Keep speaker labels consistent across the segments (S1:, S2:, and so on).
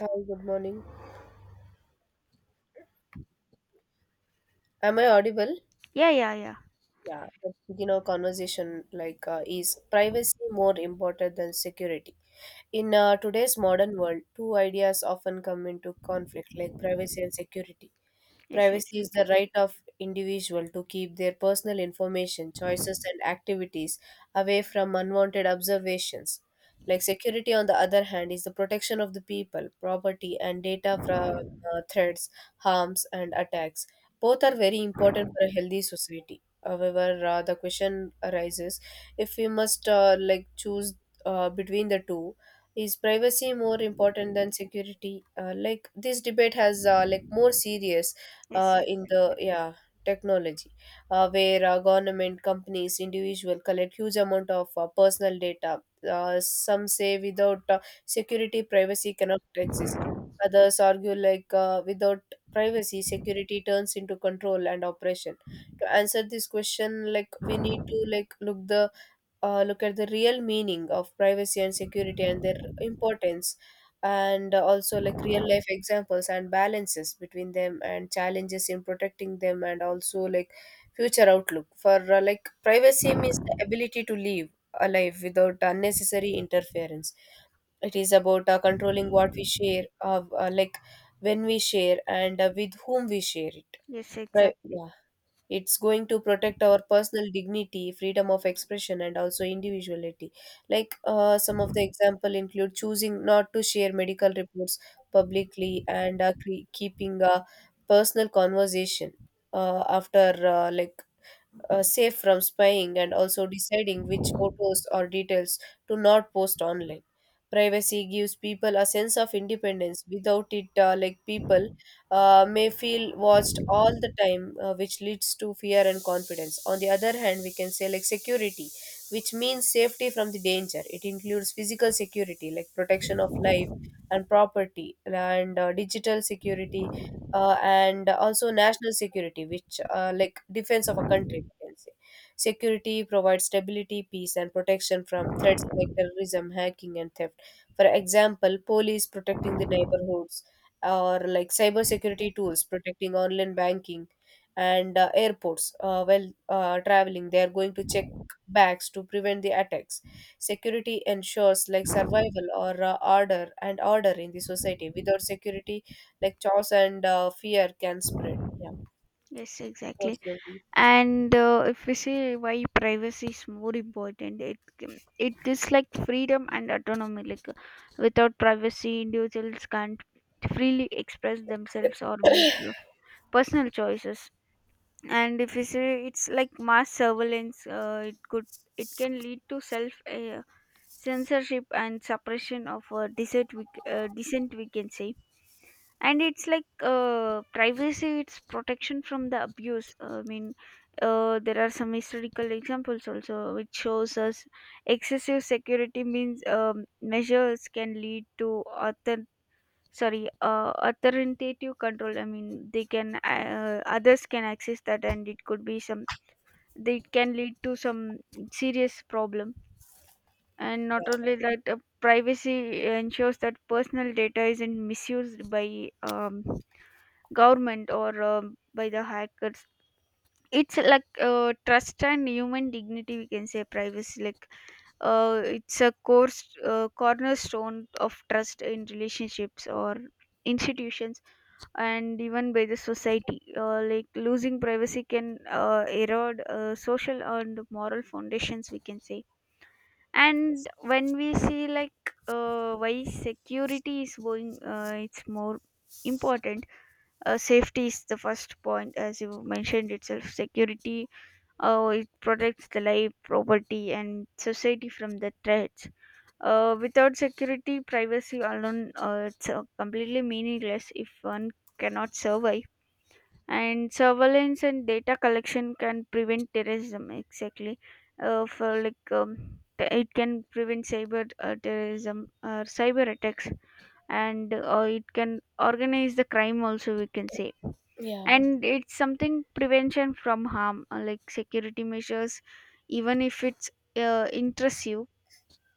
S1: Hi, good morning. Am I audible?
S2: Yeah, yeah, yeah.
S1: Yeah, but, conversation like is privacy more important than security? In today's modern world, two ideas often come into conflict, like privacy and security.
S2: Yes,
S1: Privacy is the
S2: exactly.
S1: right of individual to keep their personal information, choices, and activities away from unwanted observations. Like security, on the other hand, is the protection of the people, property, and data from threats, harms, and attacks. Both are very important for a healthy society. However, the question arises if we must like choose between the two, is privacy more important than security? Like this debate has like more serious
S2: Yes,
S1: in the
S2: exactly.
S1: yeah technology, where government, companies, individual collect huge amount of personal data. Some say without security, privacy cannot exist. Others argue like without privacy, security turns into control and oppression to answer this question like we need to like look the look at the real meaning of privacy and security and their importance and also like real life examples and balances between them and challenges in protecting them and also like future outlook for like privacy means the ability to live a life without unnecessary interference. It is about controlling what we share, like when we share and with whom we share it,
S2: Yes,
S1: right?
S2: exactly.
S1: Yeah, it's going to protect our personal dignity, freedom of expression, and also individuality. Like some of the example include choosing not to share medical reports publicly and keeping a personal conversation after safe from spying and also deciding which photos or details to not post online. Privacy gives people a sense of independence. Without it, like people may feel watched all the time, which leads to fear and confidence. On the other hand, we can say like security, which means safety from the danger. It includes physical security, like protection of life and property, and digital security, and also national security, which like defense of a country, we can say. Security provides stability, peace, and protection from threats like terrorism, hacking, and theft. For example, police protecting the neighborhoods, or like cyber security tools protecting online banking, and airports. While traveling, they are going to check bags to prevent the attacks. Security ensures like survival or order and order in the society. Without security, like chores and fear can spread. Yeah,
S2: Yes,
S1: what's
S2: exactly.
S1: your view?
S2: And If we say why privacy is more important, it is like freedom and autonomy. Without privacy, individuals can't freely express themselves or make personal choices. And if we say it's like mass surveillance, It can lead to self- censorship and suppression of dissent. Dissent, we can say. And it's like privacy, it's protection from the abuse. I mean, there are some historical examples also which shows us excessive security means measures can lead to author authoritative control. I mean, they can others can access that, and it could be some. They can lead to some serious problem. And not only that, privacy ensures that personal data isn't misused by government or by the hackers. It's like trust and human dignity, we can say. Privacy, it's a cornerstone of trust in relationships or institutions, and even by the society. Like losing privacy can erode social and moral foundations, we can say. And when we see like why security is going it's more important, safety is the first point. As you mentioned itself, security, it protects the life, property, and society from the threats. Uh, without security, privacy alone, it's completely meaningless if one cannot survive. And surveillance and data collection can prevent terrorism exactly. It can prevent cyber terrorism or cyber attacks, and it can organize the crime also, we can say.
S1: Yeah.
S2: And it's something, prevention from harm. Like security measures, even if it's interests,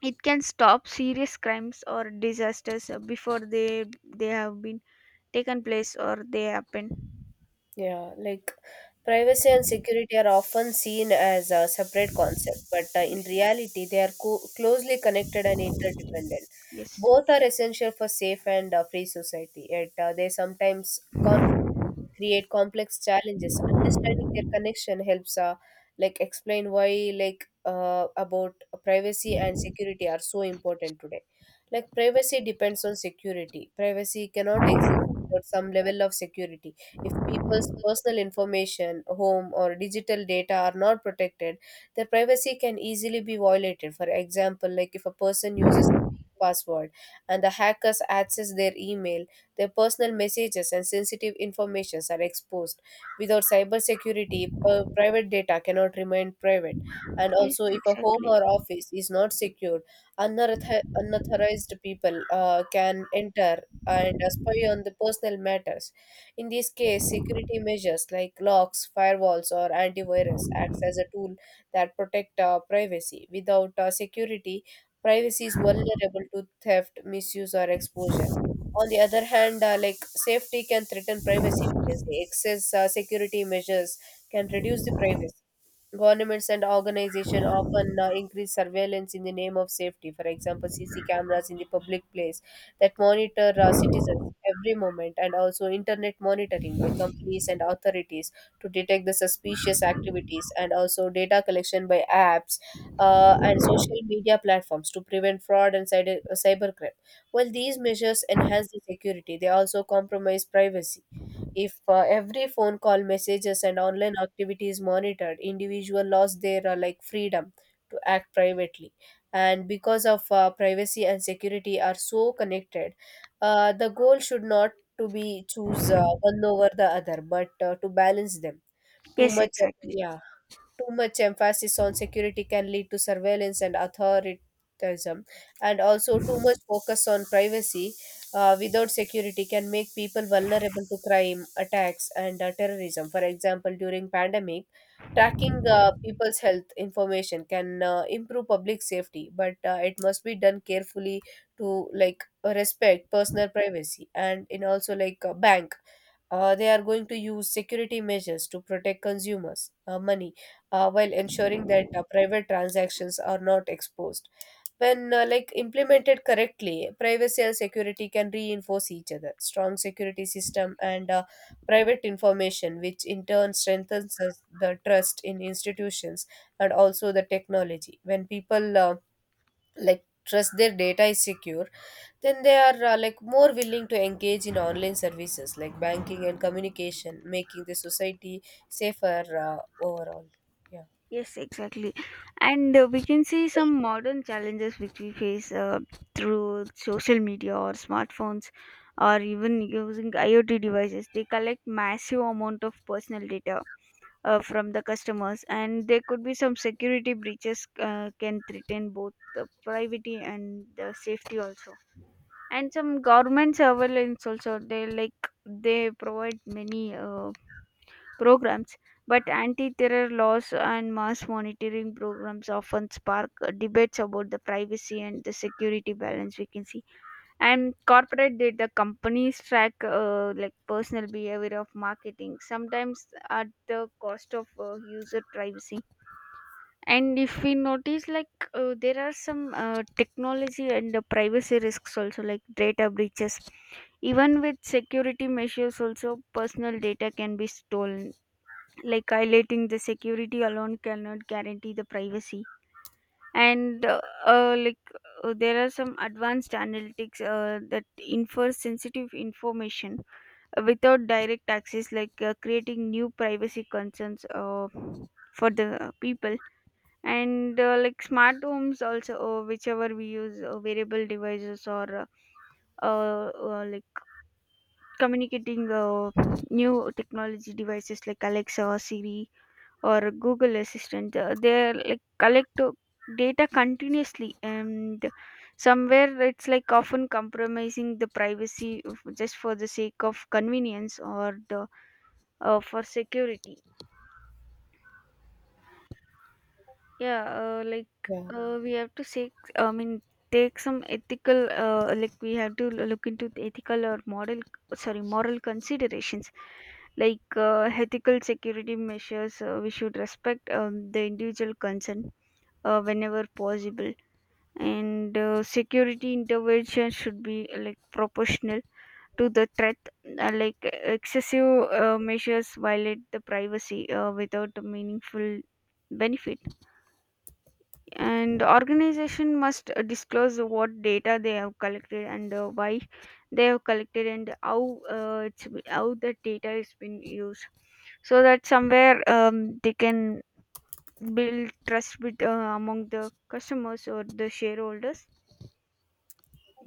S2: it can stop serious crimes or disasters before they have been taken place or they happen.
S1: Yeah, like privacy and security are often seen as a separate concept, but in
S2: Yes.
S1: reality, they are closely connected and interdependent.
S2: Yes.
S1: Both are essential for safe and free society, yet they sometimes create complex challenges. Understanding their connection helps, like, explain why, like, about privacy and security are so important today. Like, privacy depends on security. Privacy cannot exist without some level of security if people's personal information, home, or digital data are not protected, their privacy can easily be violated. For example, like if a person uses a weak password and the hackers access their email, their personal messages and sensitive informations are exposed. Without cybersecurity, private data cannot remain private. And
S2: Yes,
S1: also, if a home
S2: exactly.
S1: or office is not secured, unauthorized people can enter and spy on the personal matters. In this case, security measures like locks, firewalls, or antivirus acts as a tool that protect privacy. Without security, privacy is vulnerable to theft, misuse, or exposure. On the other hand, like safety can threaten privacy because the excess security measures can reduce the privacy. Governments and organizations often increase surveillance in the name of safety. For example, CC cameras in the public place that monitor citizens every moment, and also internet monitoring by companies and authorities to detect the suspicious activities, and also data collection by apps and social media platforms to prevent fraud and cybercrime. While these measures enhance the security, they also compromise privacy. If every phone call, messages, and online activity is monitored, individual lost their like freedom to act privately. And because of privacy and security are so connected, the goal should not to be choose one over the other, but to balance them. Too
S2: Yes,
S1: much,
S2: exactly.
S1: yeah, too much emphasis on security can lead to surveillance and authoritarianism, and also too much focus on privacy without security can make people vulnerable to crime, attacks, and terrorism. For example, during pandemic, tracking people's health information can improve public safety, but it must be done carefully to like respect personal privacy. And in also like a bank, they are going to use security measures to protect consumers money, while ensuring that private transactions are not exposed. When like implemented correctly, privacy and security can reinforce each other. Strong security system and private information, which in turn strengthens the trust in institutions and also the technology. When people like trust their data is secure, then they are like more willing to engage in online services like banking and communication, making the society safer uh, overall, yeah,
S2: Yes, exactly. And We can see some modern challenges which we face through social media or smartphones, or even using IoT devices. They collect massive amount of personal data from the customers, and there could be some security breaches can threaten both the privacy and the safety also. And some government surveillance also. They they provide many programs, but anti-terror laws and mass monitoring programs often spark debates about the privacy and the security balance, we can see. And corporate data companies track personal behavior of marketing, sometimes at the cost of user privacy. And if we notice, there are some technology and the privacy risks also, like data breaches. Even with security measures also, personal data can be stolen, like highlighting the security alone cannot guarantee the privacy. And there are some advanced analytics that infer sensitive information without direct access, creating new privacy concerns for the people. And smart homes also, whichever we use, variable devices or uh, uh, like communicating new technology devices like Alexa or Siri or Google Assistant. They like collect data continuously, and somewhere it's like often compromising the privacy of, just for the sake of convenience or the, for security. Yeah, uh, like
S1: yeah.
S2: uh, we have to say, I mean, take some ethical, we have to look into the ethical or moral, sorry, moral considerations, like ethical security measures. We should respect the individual consent whenever possible, and security intervention should be proportional to the threat. Like excessive measures violate the privacy without a meaningful benefit. And organization must disclose what data they have collected and why they have collected, and how the data is been used, so that somewhere they can build trust with, among the customers or the shareholders.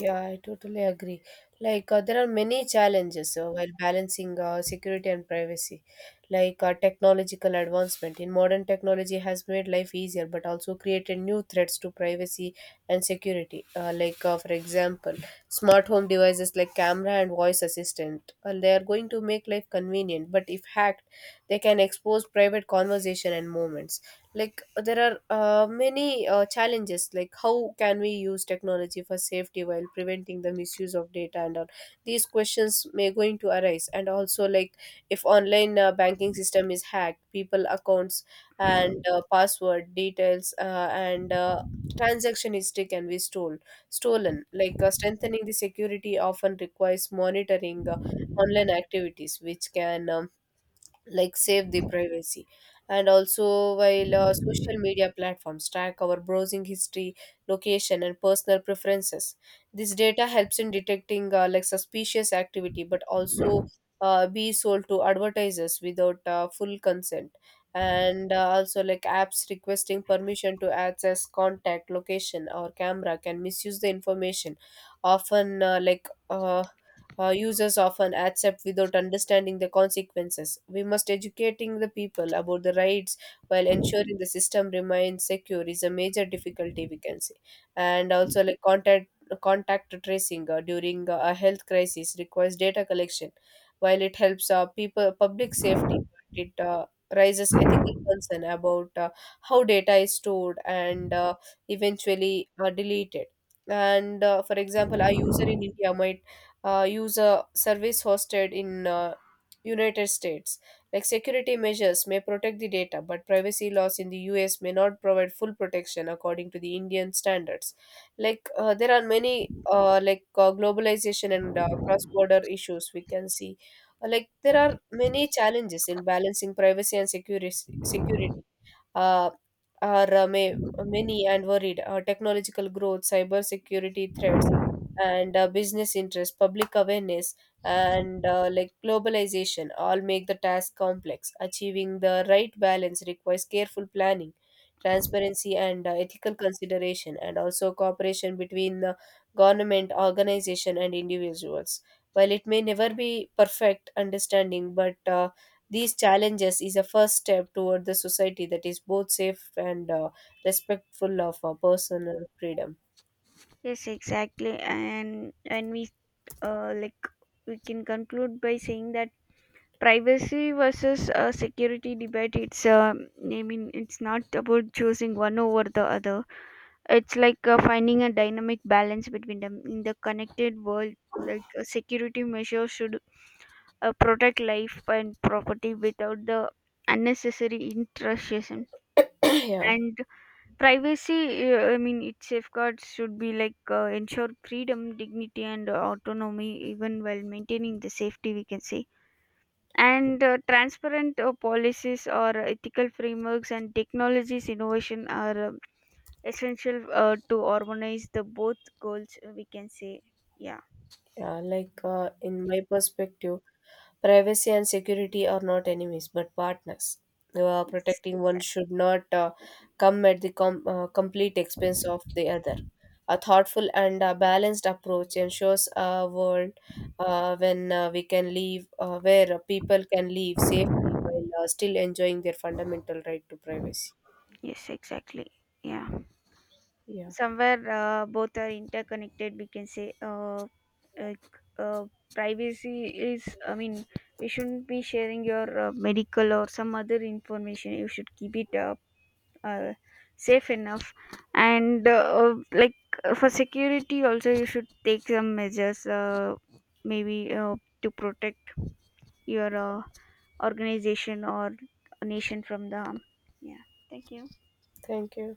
S1: Yeah, I totally agree. Like, there are many challenges while balancing security and privacy, like technological advancement. In modern technology has made life easier, but also created new threats to privacy and security. For example, smart home devices like camera and voice assistant. They are going to make life convenient, but if hacked, they can expose private conversation and moments. Like there are many challenges like how can we use technology for safety while preventing the misuse of data, and all these questions may going to arise. And also like if online banking system is hacked, people accounts and password details and transaction history can be stolen. Like strengthening the security often requires monitoring online activities, which can like save the privacy. And also while social media platforms track our browsing history, location, and personal preferences, this data helps in detecting like suspicious activity, but also be sold to advertisers without full consent. And also like apps requesting permission to access contact, location, or camera can misuse the information. Often users often accept without understanding the consequences. We must educating the people about the rights while ensuring the system remains secure is a major difficulty we can say. And also like contact tracing during a health crisis requires data collection, while it helps people public safety. It raises ethical concern about how data is stored and eventually deleted. And for example, a user in India might use a service hosted in United States. Like security measures may protect the data, but privacy laws in the US may not provide full protection according to the Indian standards. Like there are many globalization and cross-border issues we can see. Like there are many challenges in balancing privacy and security uh, are many and worried. Technological growth, cyber security threats, and business interest, public awareness, and like globalization, all make the task complex. Achieving the right balance requires careful planning, transparency, and ethical consideration, and also cooperation between the government, organization, and individuals. While it may never be perfect understanding, but these challenges is a first step toward the society that is both safe and respectful of our personal freedom.
S2: Yes, exactly. And we, uh, like we can conclude by saying that privacy versus security debate, it's I mean, it's not about choosing one over the other. It's finding a dynamic balance between them in the connected world. Like, a security measures should protect life and property without the unnecessary intrusion.
S1: Yeah.
S2: And privacy, I mean, its safeguards should be like ensure freedom, dignity, and autonomy even while maintaining the safety, we can say. And transparent policies or ethical frameworks and technologies innovation are essential to harmonize the both goals, we can say. Yeah.
S1: Yeah, like in my perspective, privacy and security are not enemies but partners.
S2: It's
S1: Protecting one
S2: exact.
S1: should not come at the com- complete expense of the other. A thoughtful and balanced approach ensures a world when we can live, where people can live safely while still enjoying their fundamental right to privacy.
S2: Yes, exactly. Yeah,
S1: Yeah,
S2: somewhere both are interconnected, we can say. Like, uh, Privacy is, I mean, we shouldn't be sharing your medical or some other information, you should keep it uh, safe enough. And for security also, you should take some measures, maybe to protect your organization or nation from the harm. Yeah, thank you.
S1: thank you.